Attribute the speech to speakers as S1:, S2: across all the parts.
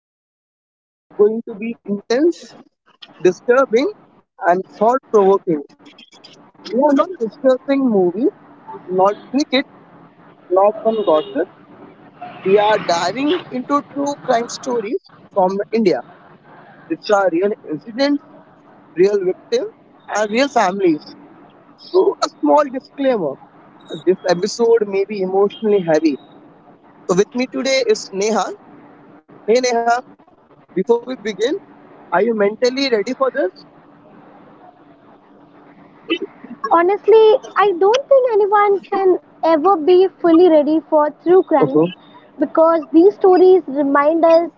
S1: Today's episode is going to be intense, disturbing, and thought provoking. We are not discussing movies, not cricket, not some gossip. We are diving into true crime stories from India, which are real incidents, real victims, and real families. So, a small disclaimer this episode may be emotionally heavy. So, with me today is Neha. Hey, Neha, before we begin, are you mentally ready for this?
S2: Honestly, I don't think anyone can ever be fully ready for true crimes because these stories remind us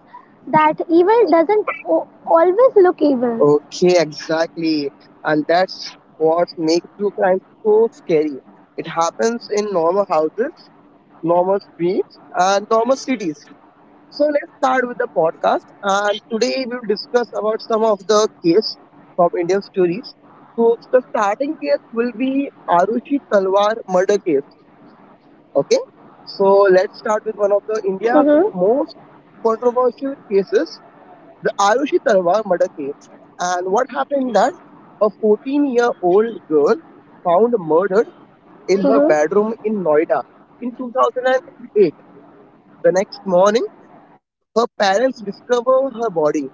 S2: that evil doesn't always look evil.
S1: Okay, exactly. And that's what makes true crime so scary. It happens in normal houses, normal streets, and normal cities. So let's start with the podcast. And today we'll discuss about some of the case from Indian stories. So the starting case will be Arushi Talwar murder case. Okay. So let's start with one of the India's
S2: Mm-hmm.
S1: most controversial cases the Ayushi Talwar murder case. And what happened that a 14-year-old girl found murdered in her
S2: Mm-hmm.
S1: bedroom in Noida in 2008. The next morning, her parents discover her body.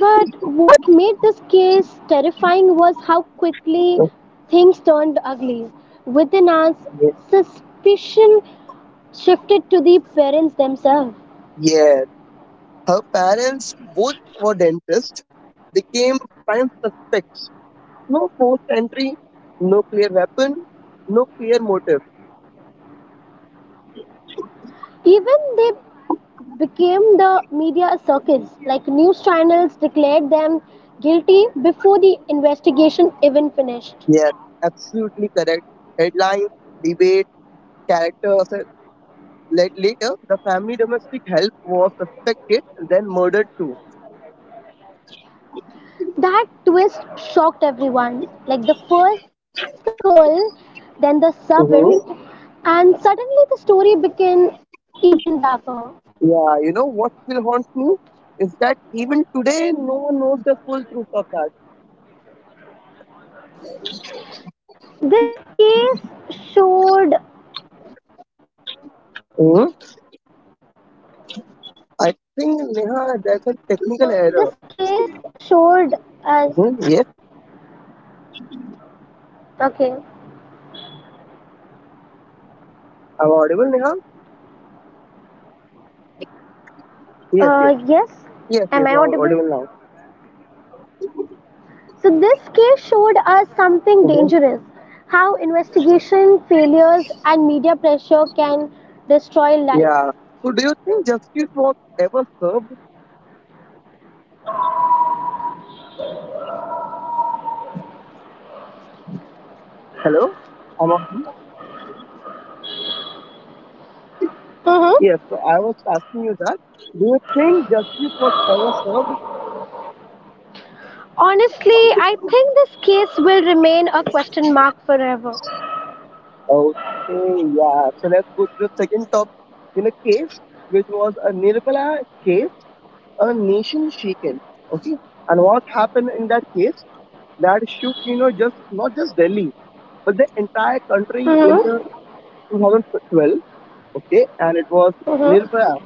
S2: But what made this case terrifying was how quickly things turned ugly. Within hours,
S1: Okay.
S2: suspicion shifted to the parents themselves.
S1: Yeah, her parents both were dentists. They came prime suspects. No forced entry, no clear weapon, no clear motive.
S2: Even they became the media circus. Like news channels declared them guilty before the investigation even finished.
S1: Yes, absolutely correct. Headlines, debate, characters, Later, the family domestic help was suspected and then murdered too.
S2: That twist shocked everyone. Like the first the girl, then the servant,
S1: Hmm.
S2: and suddenly the story became even darker.
S1: Yeah, you know what still haunts me is that even today, no one knows the full truth of that. Hmm. I think Neha, there's a technical error. Hmm. Yes, I'm audible, Neha. Yes, yes, yes, yes. You're audible now.
S2: So this case showed us something
S1: Hmm.
S2: dangerous, how
S1: Yeah. So, do you think justice was ever served? Hello. I'm audible.
S2: hmm
S1: Yes. So I was asking you that. Do you think justice was ever served?
S2: honestly, I think this case will remain a question mark forever.
S1: Okay, yeah. So let's go to the second top in a case, which was a Nirmala case, a nation shaken. Okay, and what happened in that case? That shook, you know, just not just Delhi, but the entire country in
S2: hmm
S1: the 2012. Okay, and it was
S2: hmm
S1: Nirmala.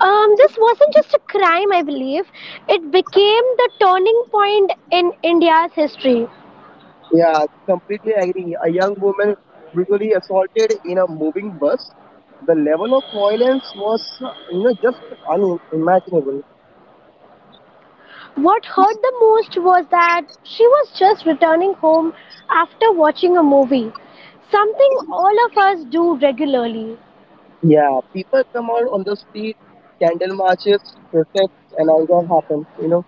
S2: This wasn't just a crime, I believe. It became the turning point in India's history.
S1: Yeah, completely agree. A young woman brutally assaulted in a moving bus. The level of violence was, just unimaginable.
S2: What hurt the most was that she was just returning home after watching a movie, something all of us do regularly.
S1: Yeah, people come out on the street, candle marches, protests, and all that happens.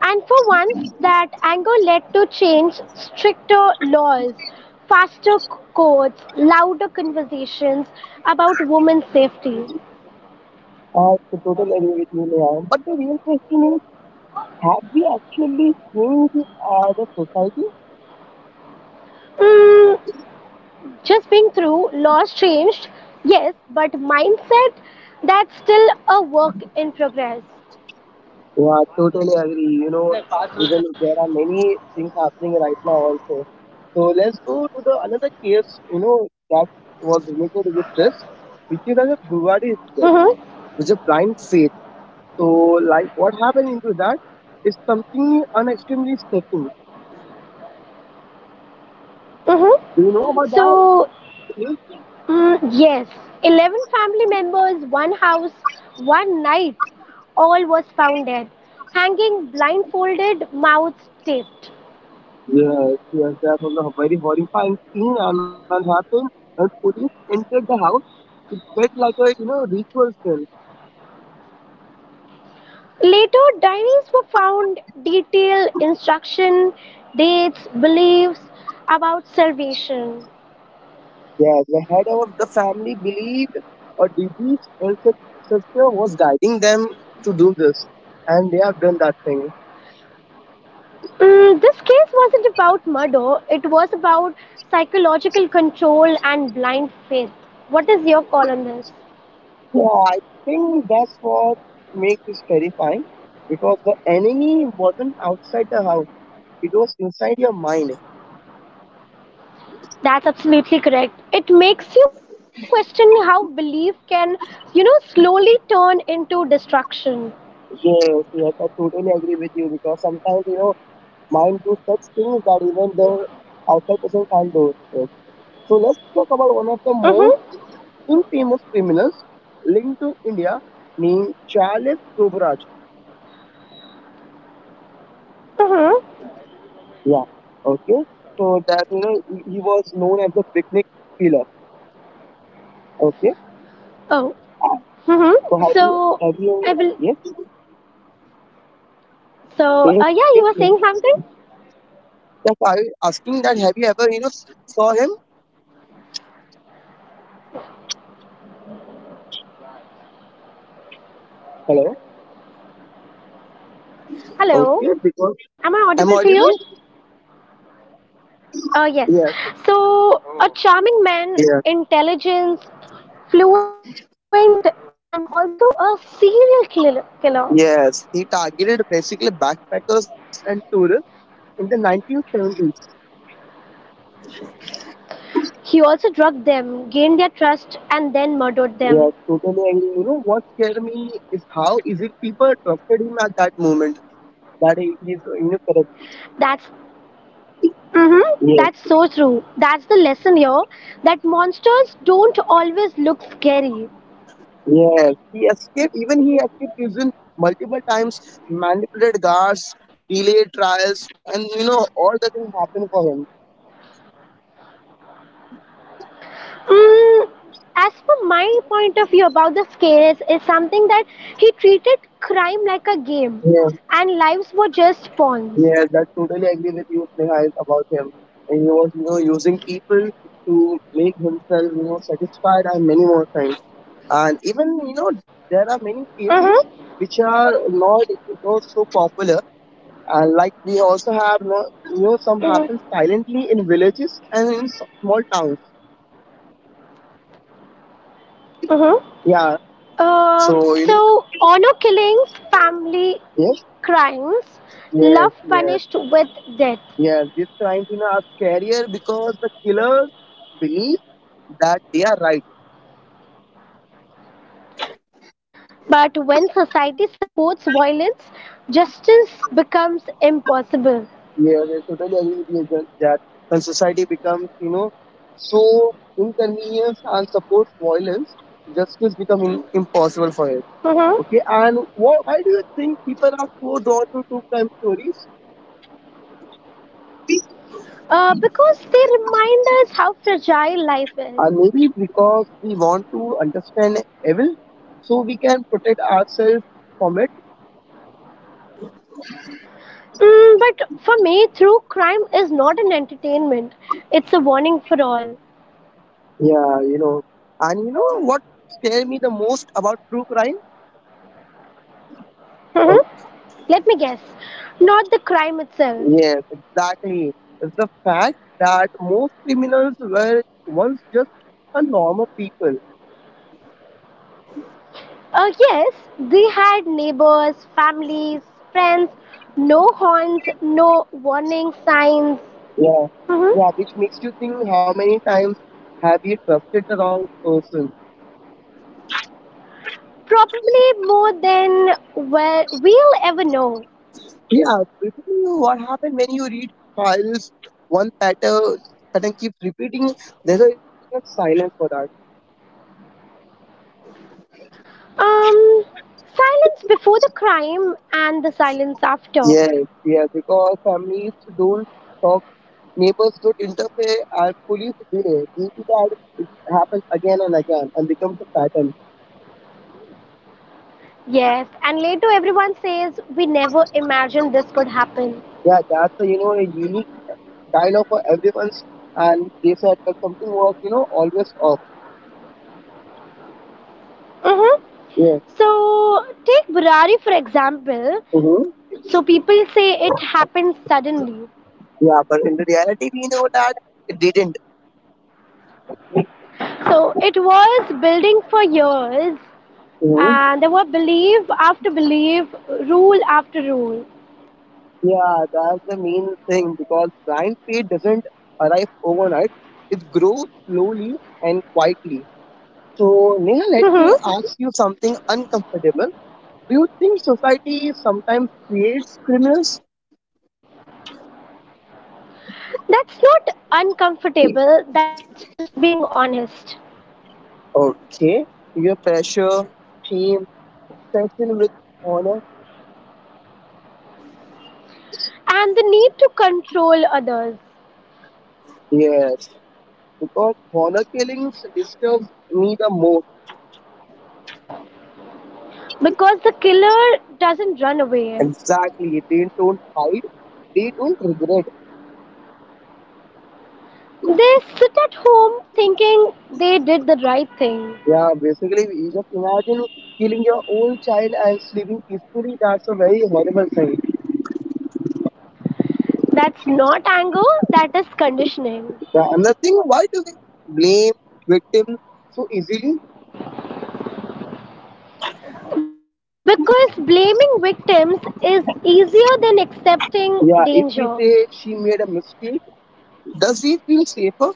S2: And for once, that anger led to change, stricter laws, faster courts, louder conversations about women's safety.
S1: I totally agree with you, Neha. But the real question is, have we actually changed the society?
S2: Mm, just being through, laws changed, yes, but mindset, that's still a work in progress.
S1: Yeah, totally agree. Even if there are many things happening right now also. So let's go to the another case. That was related with this, which is another Bhuwadi itself,
S2: Mm-hmm.
S1: which is a blind faith. So, like, what happened into that is something un extremely shocking.
S2: Mm-hmm.
S1: Do you know about that?
S2: So,
S1: Yes,
S2: yes, 11 family members, one house, one night, all was found dead, hanging blindfolded, mouths taped.
S1: yes, yes, that was a very horrifying scene and that happened and police entered the house. It felt like a ritual scene.
S2: Later diaries were found. Detailed instruction, dates, beliefs about salvation.
S1: Yes, the head of the family believed a deceased ancestor was guiding them to do this, and they have done that thing.
S2: This case wasn't about murder, it was about psychological control and blind faith. What is your call on this?
S1: Yeah, I think that's what makes this terrifying because the enemy wasn't outside the house; it was inside your mind.
S2: That's absolutely correct. It makes you question how belief can, you know, slowly turn into destruction.
S1: Yes, yes, I totally agree with you because sometimes, mind do such things that even the outside person can't do it. So let's talk about one of the
S2: Mm-hmm.
S1: most infamous criminals linked to India named Charles Sobhraj.
S2: Mm-hmm.
S1: Yeah, okay. So that, he was known as the picnic killer. Okay.
S2: Oh.
S1: So
S2: Mm-hmm. So I will.
S1: yes,
S2: So
S1: yes, yes,
S2: yeah, you were saying
S1: yes.
S2: something.
S1: So I asking that have you ever, saw him? Hello? Okay, because I'm audible?
S2: Yes.
S1: Yes,
S2: So, a charming man,
S1: yes.
S2: intelligent, fluent, and also a killer.
S1: Yes, he targeted basically backpackers and tourists in the 1970s.
S2: He also drugged them, gained their trust, and then murdered them.
S1: Yes, totally agree. You know what scared me is how easy people trusted him at that moment that he is, corrupt.
S2: That's mm-hmm,
S1: Yes,
S2: that's so true. That's the lesson here that monsters don't always look scary.
S1: yes. He escaped, even he escaped prison multiple times, manipulated guards, delayed trials, and all the things happened for him.
S2: Mm, as for my point of view about the scares that he treated crime like a game
S1: Yes,
S2: and lives were just pawns.
S1: yes, I totally agree with you, Snehal, about him. And he was, using people to make himself, satisfied and many more things. And even there are many cases
S2: Mm-hmm.
S1: which are not so popular and like we also have some happen
S2: Mm-hmm.
S1: silently in villages and in small towns.
S2: Hmm.
S1: Yeah.
S2: Uh,
S1: So
S2: so, honor killings, family
S1: yes,
S2: crimes, love
S1: yes, yes,
S2: punished with death.
S1: yes, these crimes are scarier because the killers believe that they are right.
S2: But when society supports violence, justice becomes impossible.
S1: Yes, I totally agree with you, Jan, that when society becomes so inconvenience and supports violence justice becomes impossible for it.
S2: Hmm.
S1: Okay, and why do you think people are so drawn to true crime stories?
S2: Because they remind us how fragile life is.
S1: And maybe because we want to understand evil, so we can protect ourselves from it.
S2: But for me, true crime is not an entertainment, it's a warning for all.
S1: Yeah. And you know what scares me the most about true crime? Oh,
S2: Hmm. Let me guess, not the crime itself.
S1: yes, exactly. It's the fact that most criminals were once just a normal people.
S2: Yes, they had neighbors, families, friends, no horns, no warning signs.
S1: Yeah,
S2: Mhm.
S1: yeah, which makes you think how many times have you trusted the wrong person?
S2: Probably more than, well, we'll ever know.
S1: Yeah, basically what happened when you read files, one pattern keeps repeating, there's a enough silence for that.
S2: Um, Silence before the crime and the silence after.
S1: Yes, yeah, because families don't talk, neighbors don't interfere, and police delay. Due to that, it happens again and again and becomes a pattern.
S2: Yes, and later everyone says we never imagined this could happen.
S1: Yeah, that's a unique dialogue for everyone's. And they said that something was, always off.
S2: Mm-hmm.
S1: Yeah.
S2: So take Burari for example.
S1: Hmm.
S2: So people say it happened suddenly.
S1: Yeah, but in the reality, we know that it didn't.
S2: So it was building for years,
S1: Mhm.
S2: and there were belief after belief, rule after rule.
S1: Yeah, that's the main thing because blind faith doesn't arrive overnight. It grows slowly and quietly. So, Neha, let me
S2: Mhm.
S1: ask you something uncomfortable. Do you think society sometimes creates criminals?
S2: That's not uncomfortable, that's just being honest.
S1: Okay. Peer pressure, shame, obsession with honor.
S2: And the need to control others
S1: Yes, because honor killings disturbs me the most.
S2: because the killer doesn't run away.
S1: Exactly. They don't hide. They don't regret.
S2: They sit at home thinking they did the right thing.
S1: Yeah, basically, you just imagine killing your own child and sleeping peacefully. That's a very horrible thing.
S2: That's not anger, that is conditioning.
S1: Yeah, another thing, why do we blame victims so easily?
S2: Because blaming victims is easier than accepting
S1: Yeah, if we
S2: danger.
S1: say she made a mistake, does we feel safer?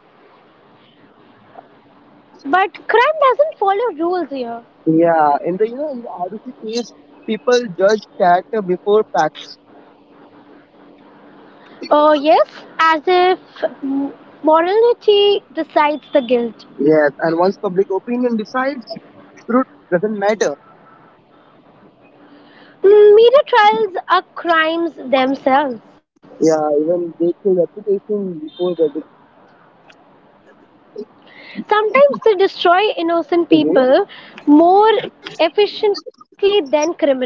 S2: But crime rules here.
S1: Yeah, in the you know in the RUC case, people judge character before facts.
S2: Oh, yes, as if m- morality decides the guilt.
S1: Yes, and once public opinion decides, truth doesn't matter.
S2: Media trials are crimes themselves.
S1: Yeah, even they kill reputation before verdict.
S2: Sometimes they destroy innocent
S1: Mhm.
S2: people more efficiently than criminals.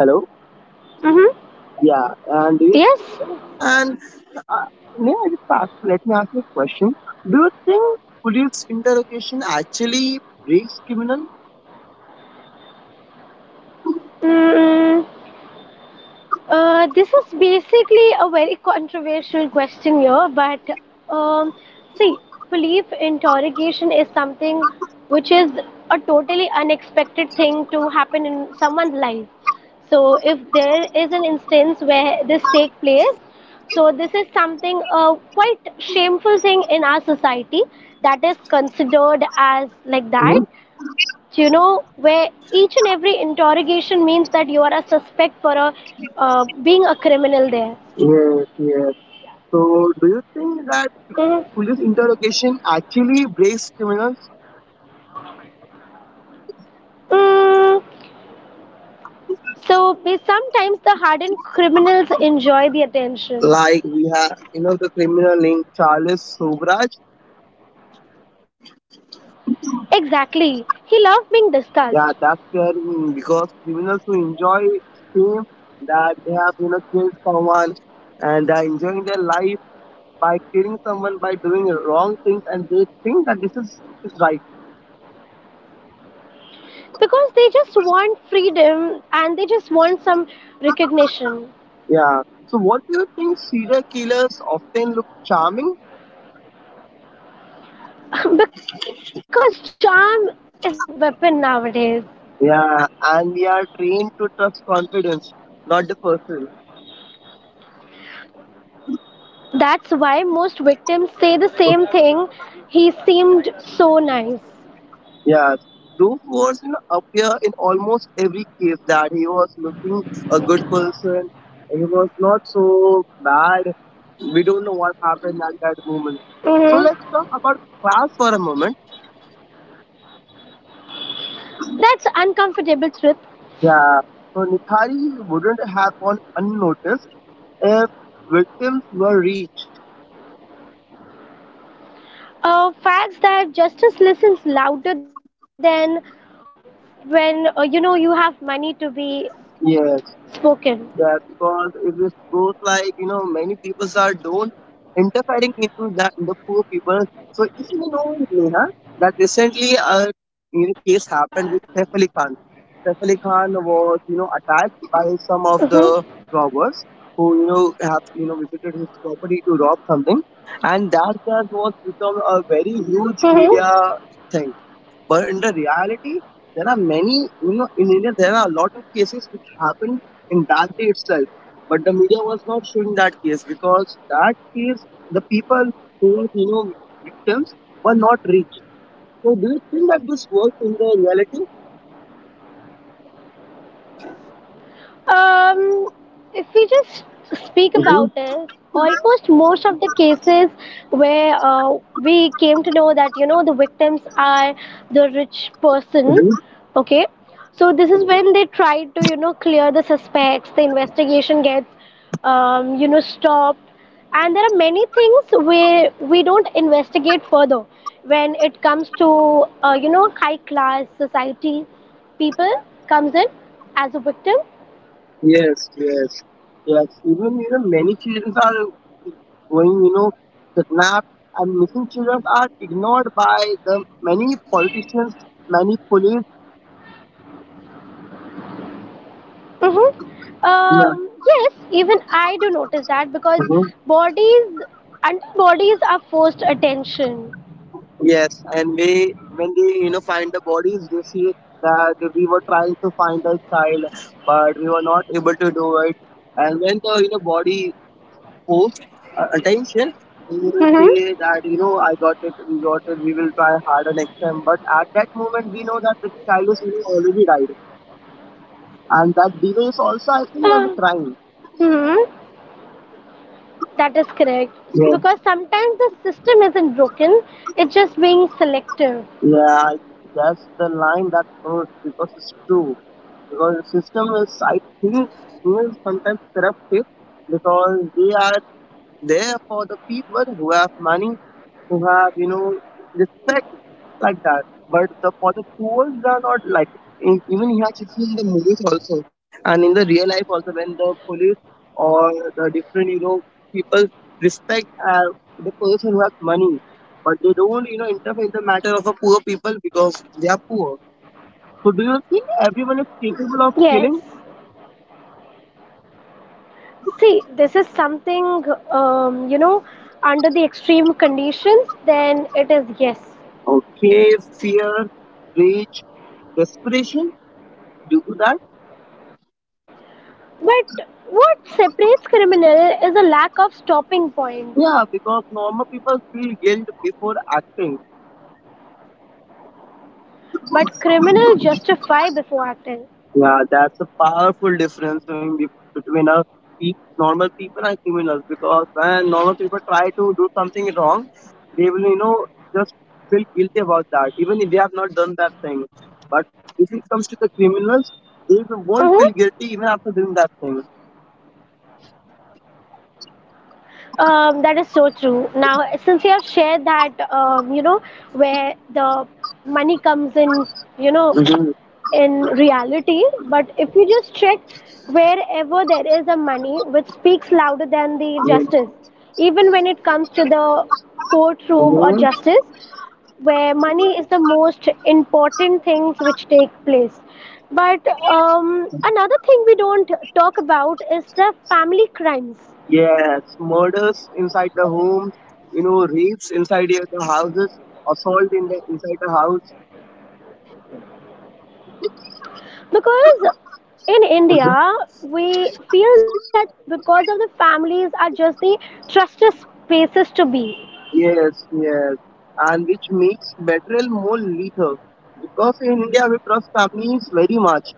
S1: Hello.
S2: Hmm.
S1: Yeah, and
S2: Yes.
S1: it- and. Uh, may I just ask, let me ask you a question. Do you think police interrogation actually breaks criminal?
S2: Mm. This is basically a very controversial question here, but um, see, belief interrogation is something which is a totally unexpected thing to happen in someone's life. So, if there is an instance where this takes place, so this is something quite shameful thing in our society that is considered as like that,
S1: Hmm.
S2: you know, where each and every interrogation means that you are a suspect for a, being a criminal there?
S1: Yes, yes. So, do you think that
S2: Mm-hmm.
S1: police interrogation actually breaks criminals?
S2: Mm, so sometimes the hardened criminals enjoy the attention.
S1: Like we have, the criminal named Charles Sobraj.
S2: Exactly. He loves being discussed
S1: Yeah, that's scaring me because criminals who enjoy fame that they have, killed someone and they are enjoying their life by killing someone by doing wrong things and they think that this is right.
S2: because they just want freedom and they just want some recognition.
S1: Yeah. So, what do you think serial killers often look charming?
S2: Because charm is a weapon nowadays.
S1: Yeah, and we are trained to trust confidence, not the person.
S2: That's why most victims say the same thing. He seemed so nice.
S1: Yeah. Those words appear in almost every case that he was looking a good person. He was not so bad. We don't know what happened at that moment. So let's talk
S2: Mhm.
S1: about class for a moment.
S2: That's uncomfortable truth.
S1: Yeah. So Nithari wouldn't have gone unnoticed if victims were rich.
S2: Facts that justice listens louder than when, you know, you have money to be
S1: Yes,
S2: spoken.
S1: that because if this goes like many people are don't interfering into that the poor people. So if you know, Neha, that recently a case happened with Saif Ali Khan. Saif Ali Khan was attacked by some of the
S2: Mm-hmm.
S1: robbers who have visited his property to rob something, and that just was become a very huge
S2: Mm-hmm.
S1: media thing. But in the reality, there are many, in India, there are a lot of cases which happened in that day itself. But the media was not showing that case because that case, the people who were, victims were not reached. So do you think that this works in the reality?
S2: Um, if we just speak
S1: Hmm.
S2: about it, almost most of the cases where, we came to know that, you know, the victims are the rich person,
S1: Hmm.
S2: okay. So this is when they try to, you know, clear the suspects. The investigation gets, you know, stopped, and there are many things where we don't investigate further when it comes to, you know, high class society people comes in as a victim.
S1: Yes, yes, yes. Even, many children are going, kidnapped and missing children are ignored by the many politicians, many police.
S2: Mm-hmm.
S1: Yeah.
S2: Yes, even I do notice that because
S1: Mm-hmm.
S2: bodies and bodies are forced attention.
S1: Yes, and we when they find the bodies, they see that we were trying to find the child, but we were not able to do it. And when the body posts attention, they will
S2: Mm-hmm.
S1: say that I got it, we will try harder next time. But at that moment, we know that the child is already died, and that delay is also I think as a
S2: Uh,
S1: crime.
S2: mm-hmm. That is correct.
S1: Yeah,
S2: Because sometimes the system isn't broken, it's just being selective.
S1: yeah, that's the line that hurts because it's true. Because the system is I think is sometimes corruptive because they are there for the people who have money, who have respect like that. But the for the poor they are not like even you have seen in the movies also and in the real life also when the police or the different people respect the person who has money, but they don't interfere in the matter of a poor people because they are poor. So do you think everyone is capable of
S2: Yes.
S1: killing?
S2: See, this is something, you know, under the extreme conditions, then it is yes.
S1: Okay, fear, rage, desperation, do that.
S2: But what separates criminal is a lack of stopping point.
S1: Yeah, because normal people feel guilt before acting.
S2: But criminals justify before acting.
S1: Yeah, that's a powerful difference between pe- normal people and criminals. Because when normal people try to do something wrong, they will, just feel guilty about that, even if they have not done that thing. But if it comes to the criminals, won't
S2: Mm-hmm.
S1: feel guilty even after doing that thing.
S2: That is so true. Now, since you have shared that, you know, where the money comes in, you know,
S1: Mhm,
S2: in reality, but if you just check wherever there is a money which speaks louder than the
S1: mhm,
S2: justice, even when it comes to the courtroom or
S1: mhm.
S2: justice, where money is the most important things which take place, but another thing we don't talk about is the family crimes
S1: Yes, murders inside the homes, rapes inside the houses, assault in the inside the house.
S2: because in india
S1: Mhm.
S2: we feel that because of the families are just the trusted spaces to be.
S1: Yes, yes, and which makes betrayal more lethal because in India we trust families very much,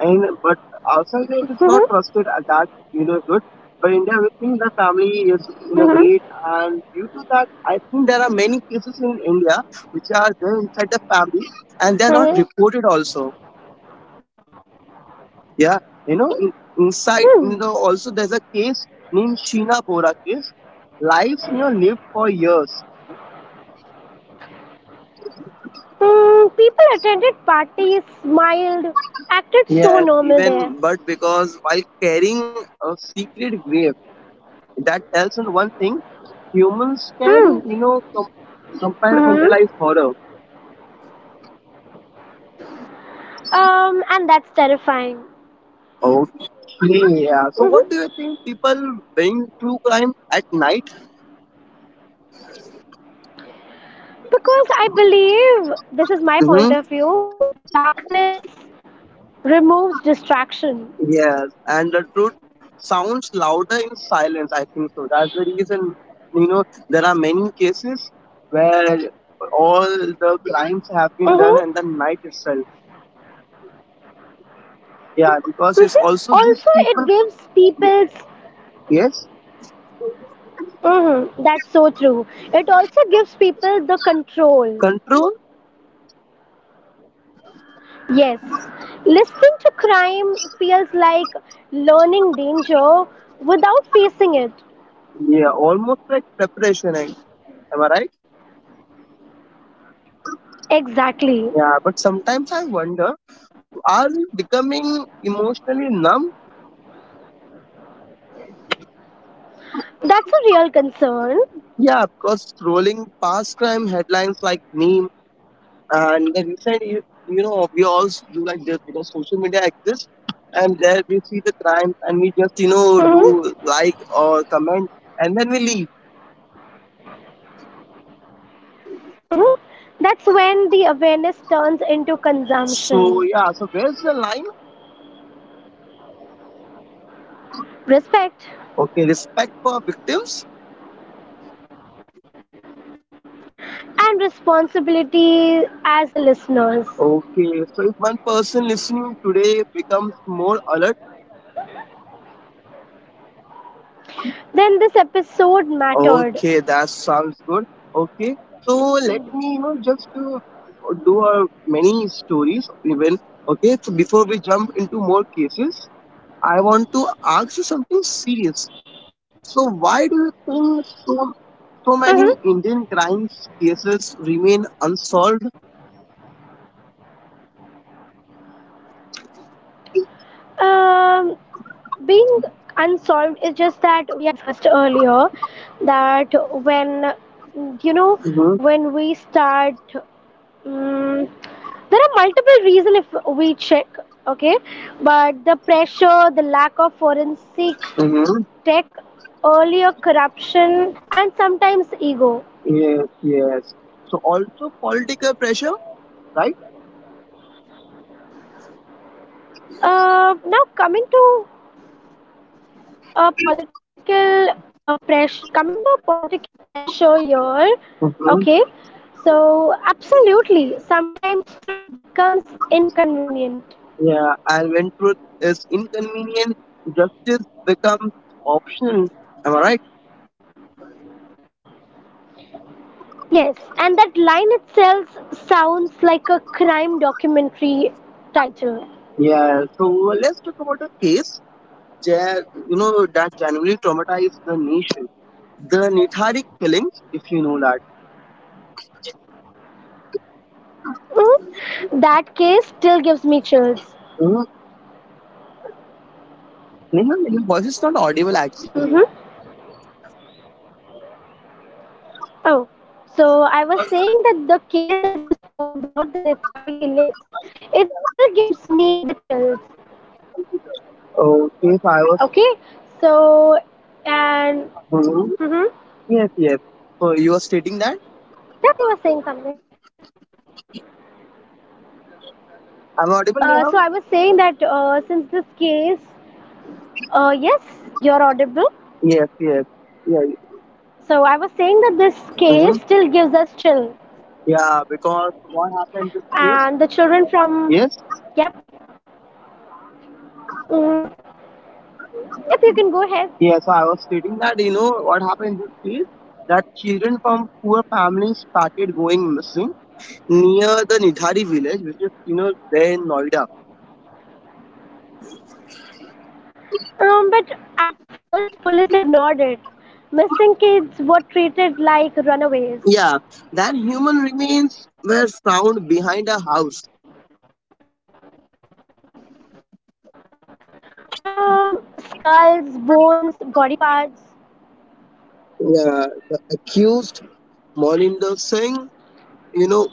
S1: and but outside it is not trusted at
S2: Mhm,
S1: that good. But India we think the family is great,
S2: mhm,
S1: and due to that I think there are many cases in India which are there inside the family and they are not reported
S2: mhm.
S1: also. Yeah, you know, in, inside,
S2: Hmm.
S1: also there's a case named Sheena Bora case. Life, lived for years.
S2: Hmm, people attended parties smiled acted so
S1: Yes,
S2: normal
S1: even
S2: there.
S1: but because while carrying a secret grave, that tells us one thing: humans can,
S2: Hmm.
S1: you know, com-
S2: Hmm.
S1: compartmentalize horror.
S2: And that's terrifying.
S1: Okay, yeah. So, what do you
S2: Hmm.
S1: think people bring true crime at night?
S2: Because I believe, this is my
S1: Mm-hmm.
S2: point of view, darkness removes distraction.
S1: Yes, and the truth sounds louder in silence. I think so. That's the reason, you know, there are many cases where all the crimes have
S2: Mm-hmm.
S1: been done in the night itself. Yeah, because it's
S2: Mm-hmm.
S1: also these
S2: Also, it
S1: people,
S2: gives people's.
S1: yes,
S2: Mm-hmm. That's so true. It also gives people the control.
S1: control,
S2: Yes. Listening to crime feels like learning danger without facing it.
S1: yeah, almost like preparation. Eh? Am I right?
S2: Exactly.
S1: Yeah, but sometimes I wonder, are we becoming emotionally numb?
S2: That's a real concern.
S1: Yeah, because scrolling past crime headlines like memes. And the reason you, you know we all do like this because social media exists, and there we see the crimes and we just do
S2: Mm-hmm.
S1: like or comment and then we leave.
S2: Mm-hmm. That's when the awareness turns into
S1: So
S2: consumption.
S1: yeah, so where's the line?
S2: Respect.
S1: Okay, respect for victims.
S2: And responsibility as the listeners.
S1: Okay, so if one person listening today becomes more alert,
S2: Then this episode mattered.
S1: okay, that sounds good. Okay, so let me just do many stories even. Okay, so before we jump into more cases, I want to ask you something serious. So, why do you think so many
S2: Mhm.
S1: Indian crime cases remain unsolved?
S2: Um, Being unsolved is just that we have discussed earlier that when, you know,
S1: Mm-hmm.
S2: when we start, um, there are multiple reasons if we check, okay, but the pressure, the lack of forensic
S1: Mm-hmm.
S2: tech, earlier corruption, and sometimes ego.
S1: Yes, yes. So, also political pressure, right?
S2: Now coming to political pressure, coming to political pressure here,
S1: Mm-hmm.
S2: okay, so absolutely sometimes truth becomes inconvenient.
S1: Yeah. And when truth is inconvenient, justice becomes optional. Am I right?
S2: Yes, and that line itself sounds like a crime documentary title.
S1: Yeah. So, let's talk about a case that you know that genuinely traumatized the nation. The Nithari killings, if you know that.
S2: Hmm, that case still gives me chills.
S1: Neha, your voice is not audible actually.
S2: Hmm. Oh, so I was saying that the case that you spoke about the nithari killings, it still gives me the chills.
S1: Okay, so I was.
S2: Okay, so and
S1: Hmm.
S2: mm-hmm.
S1: Yes, yes. So you were stating that
S2: Yep, you were saying something.
S1: I'm audible, Neha?
S2: So I was saying that, since this case, yes, you're audible.
S1: Yes, yes. Yeah.
S2: So I was saying that this
S1: Mm-hmm.
S2: case still gives us chill,
S1: Yeah, because what happened this year?
S2: and the children from,
S1: Yes.
S2: yep, mm, yep, you can go ahead.
S1: Yeah, so I was stating that you know what happened this year? That children from poor families started going missing near the Nidhari village, which is you know there in Noida.
S2: But at first, police ignored it. Missing kids were treated like runaways.
S1: Yeah, then human remains were found behind a house.
S2: Skulls, bones, body parts.
S1: Yeah, the accused Moninder Singh, you know,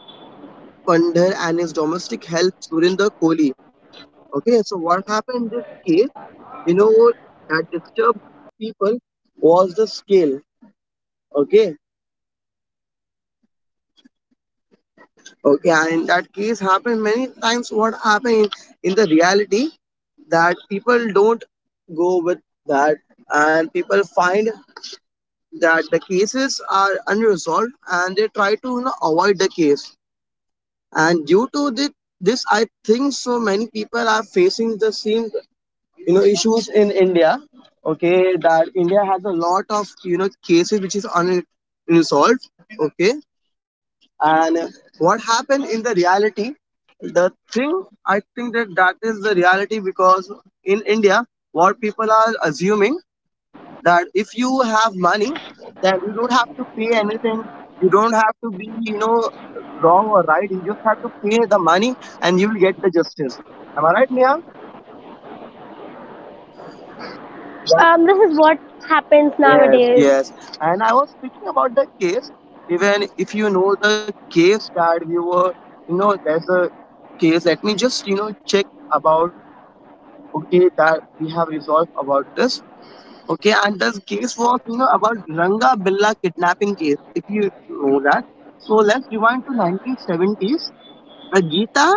S1: Pandhar and his domestic help Surinder Kohli. Okay, so what happened in this case, you know, that disturbed people was the scale. Okay, okay, and that case happened many times. What happened in the reality that people don't go with that, and people find that the cases are unresolved and they try to, you know, avoid the case and due to this I think so many people are facing the same you know issues in India. Okay, that India has a lot of you know cases which is unresolved. Okay. And what happened in the reality, the thing I think that that is the reality because in India what people are assuming that if you have money then you don't have to pay anything, you don't have to be you know wrong or right, you just have to pay the money and you'll get the justice. Am I right, Nia? Yeah.
S2: This is what happens
S1: Yes,
S2: nowadays.
S1: yes, and I was thinking about the case even if you know the case that we were you know there's a case let me just check about okay that we have resolved about this. Okay, and this case was you know about Ranga Billa kidnapping case, if you know that. So let's rewind to 1970s, the Geeta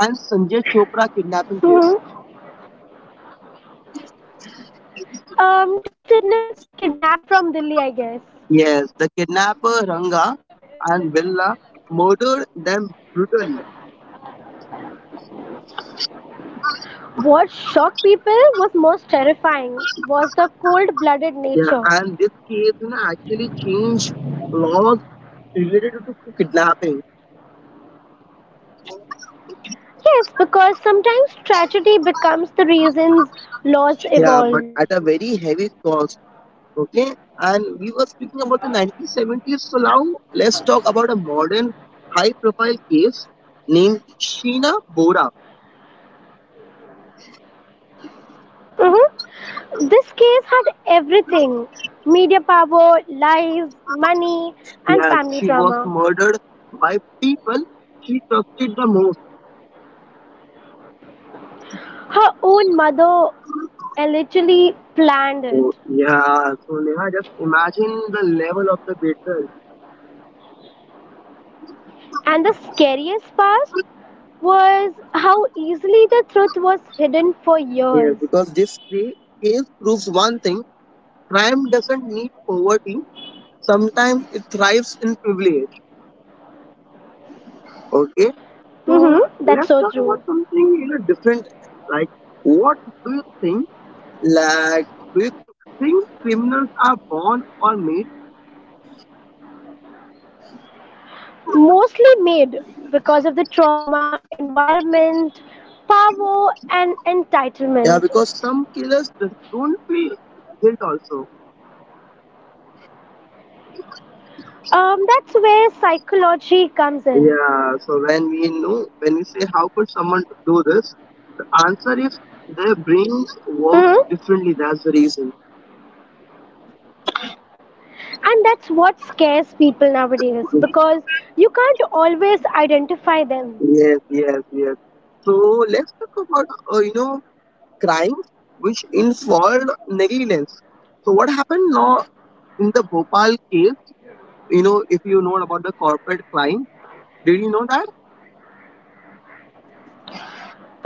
S1: and Sanjay Chopra kidnapping case.
S2: Um, two siblings kidnapped from Delhi, I guess.
S1: Yes, the kidnapper Ranga and Billa murdered them brutally.
S2: What shocked people was most terrifying was the cold blooded
S1: Yeah,
S2: nature.
S1: and this case you know, actually changed laws related to kidnapping.
S2: Yes, because sometimes tragedy becomes the reasons laws
S1: Yeah, but
S2: evolve.
S1: at a very heavy cost. Okay, and we were speaking about the 1970s, so now let's talk about a modern high profile case named Sheena Bora.
S2: Hmm. This case had everything media power, lies, money, and
S1: Yes, she
S2: family
S1: was
S2: drama.
S1: murdered by people she trusted the most.
S2: Her own mother allegedly planned
S1: Oh,
S2: it.
S1: yeah, so Neha, just imagine the level of the betrayal.
S2: And the scariest part was how easily the truth was hidden for
S1: Yes,
S2: years.
S1: because this case proves one thing: crime doesn't need poverty, sometimes it thrives in privilege. Okay, so
S2: Hmm, that's
S1: let's
S2: so
S1: talk about
S2: true.
S1: something you know different. Like, what do you think? Like, do you think criminals are born or made?
S2: Mostly made because of the trauma, environment, power, and
S1: Yeah,
S2: entitlement.
S1: because some killers just don't feel guilt also.
S2: That's where psychology comes in.
S1: Yeah. So when we know, when we say how could someone do this, the answer is their brains works
S2: Hmm.
S1: differently. That's the reason.
S2: And that's what scares people nowadays because you can't always identify them.
S1: Yes, yes, yes. So let's talk about you know crimes which involved negligence. So what happened now in the Bhopal case, you know, if you know about the corporate crime, did you know that?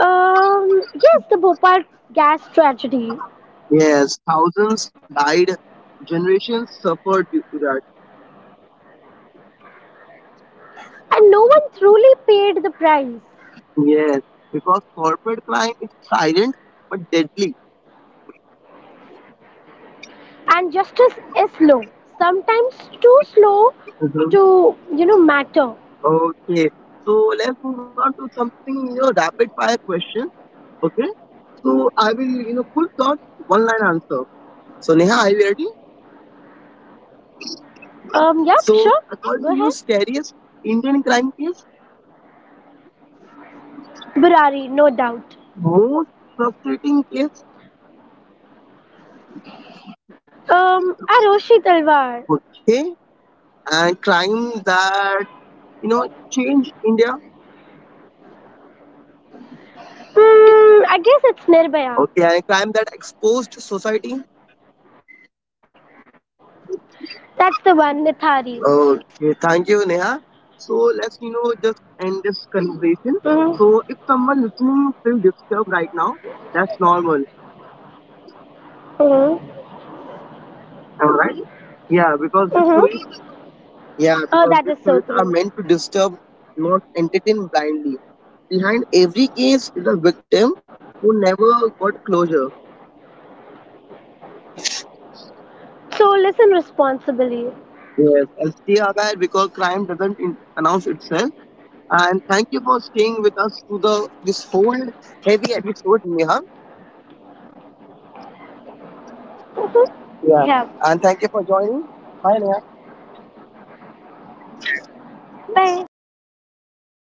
S2: Yes, the Bhopal gas tragedy.
S1: Yes, thousands died, generations suffered due to that.
S2: And no one truly paid the price.
S1: Yes, because corporate crime is silent but deadly.
S2: And justice is slow, sometimes too slow
S1: Mhm.
S2: to, you know, matter.
S1: Okay, so let's move on to something, you know, rapid fire question. Okay, so I will, you know, full thought, one line answer. So, Neha, are you ready?
S2: Yep,
S1: So,
S2: sure,
S1: according
S2: go
S1: to you,
S2: ahead.
S1: scariest Indian crime case,
S2: Burari, no doubt.
S1: most frustrating case.
S2: um Aroshi Talwar.
S1: Okay. And crime that you know change India.
S2: Hmm, I guess it's Nirbhaya.
S1: Okay, and crime that exposed society.
S2: That's the one, Nithari.
S1: Okay, thank you, Neha. So let's you know just end this conversation. So
S2: Mm-hmm.
S1: if someone listening feel disturbed right now, that's normal.
S2: Mm-hmm.
S1: All right. Yeah, because these
S2: Mm-hmm.
S1: stories. Yeah,
S2: Oh,
S1: because
S2: that
S1: these
S2: is so
S1: stories are
S2: true.
S1: meant to disturb, not entertain blindly. Behind every case is a victim who never got closure.
S2: So listen responsibly.
S1: Yes, and stay aware because crime doesn't announce itself. And thank you for staying with us through the this whole heavy episode, Neha.
S2: Mm-hmm.
S1: Yeah.
S2: Yeah,
S1: And thank you for joining. Bye, Neha.
S2: bye.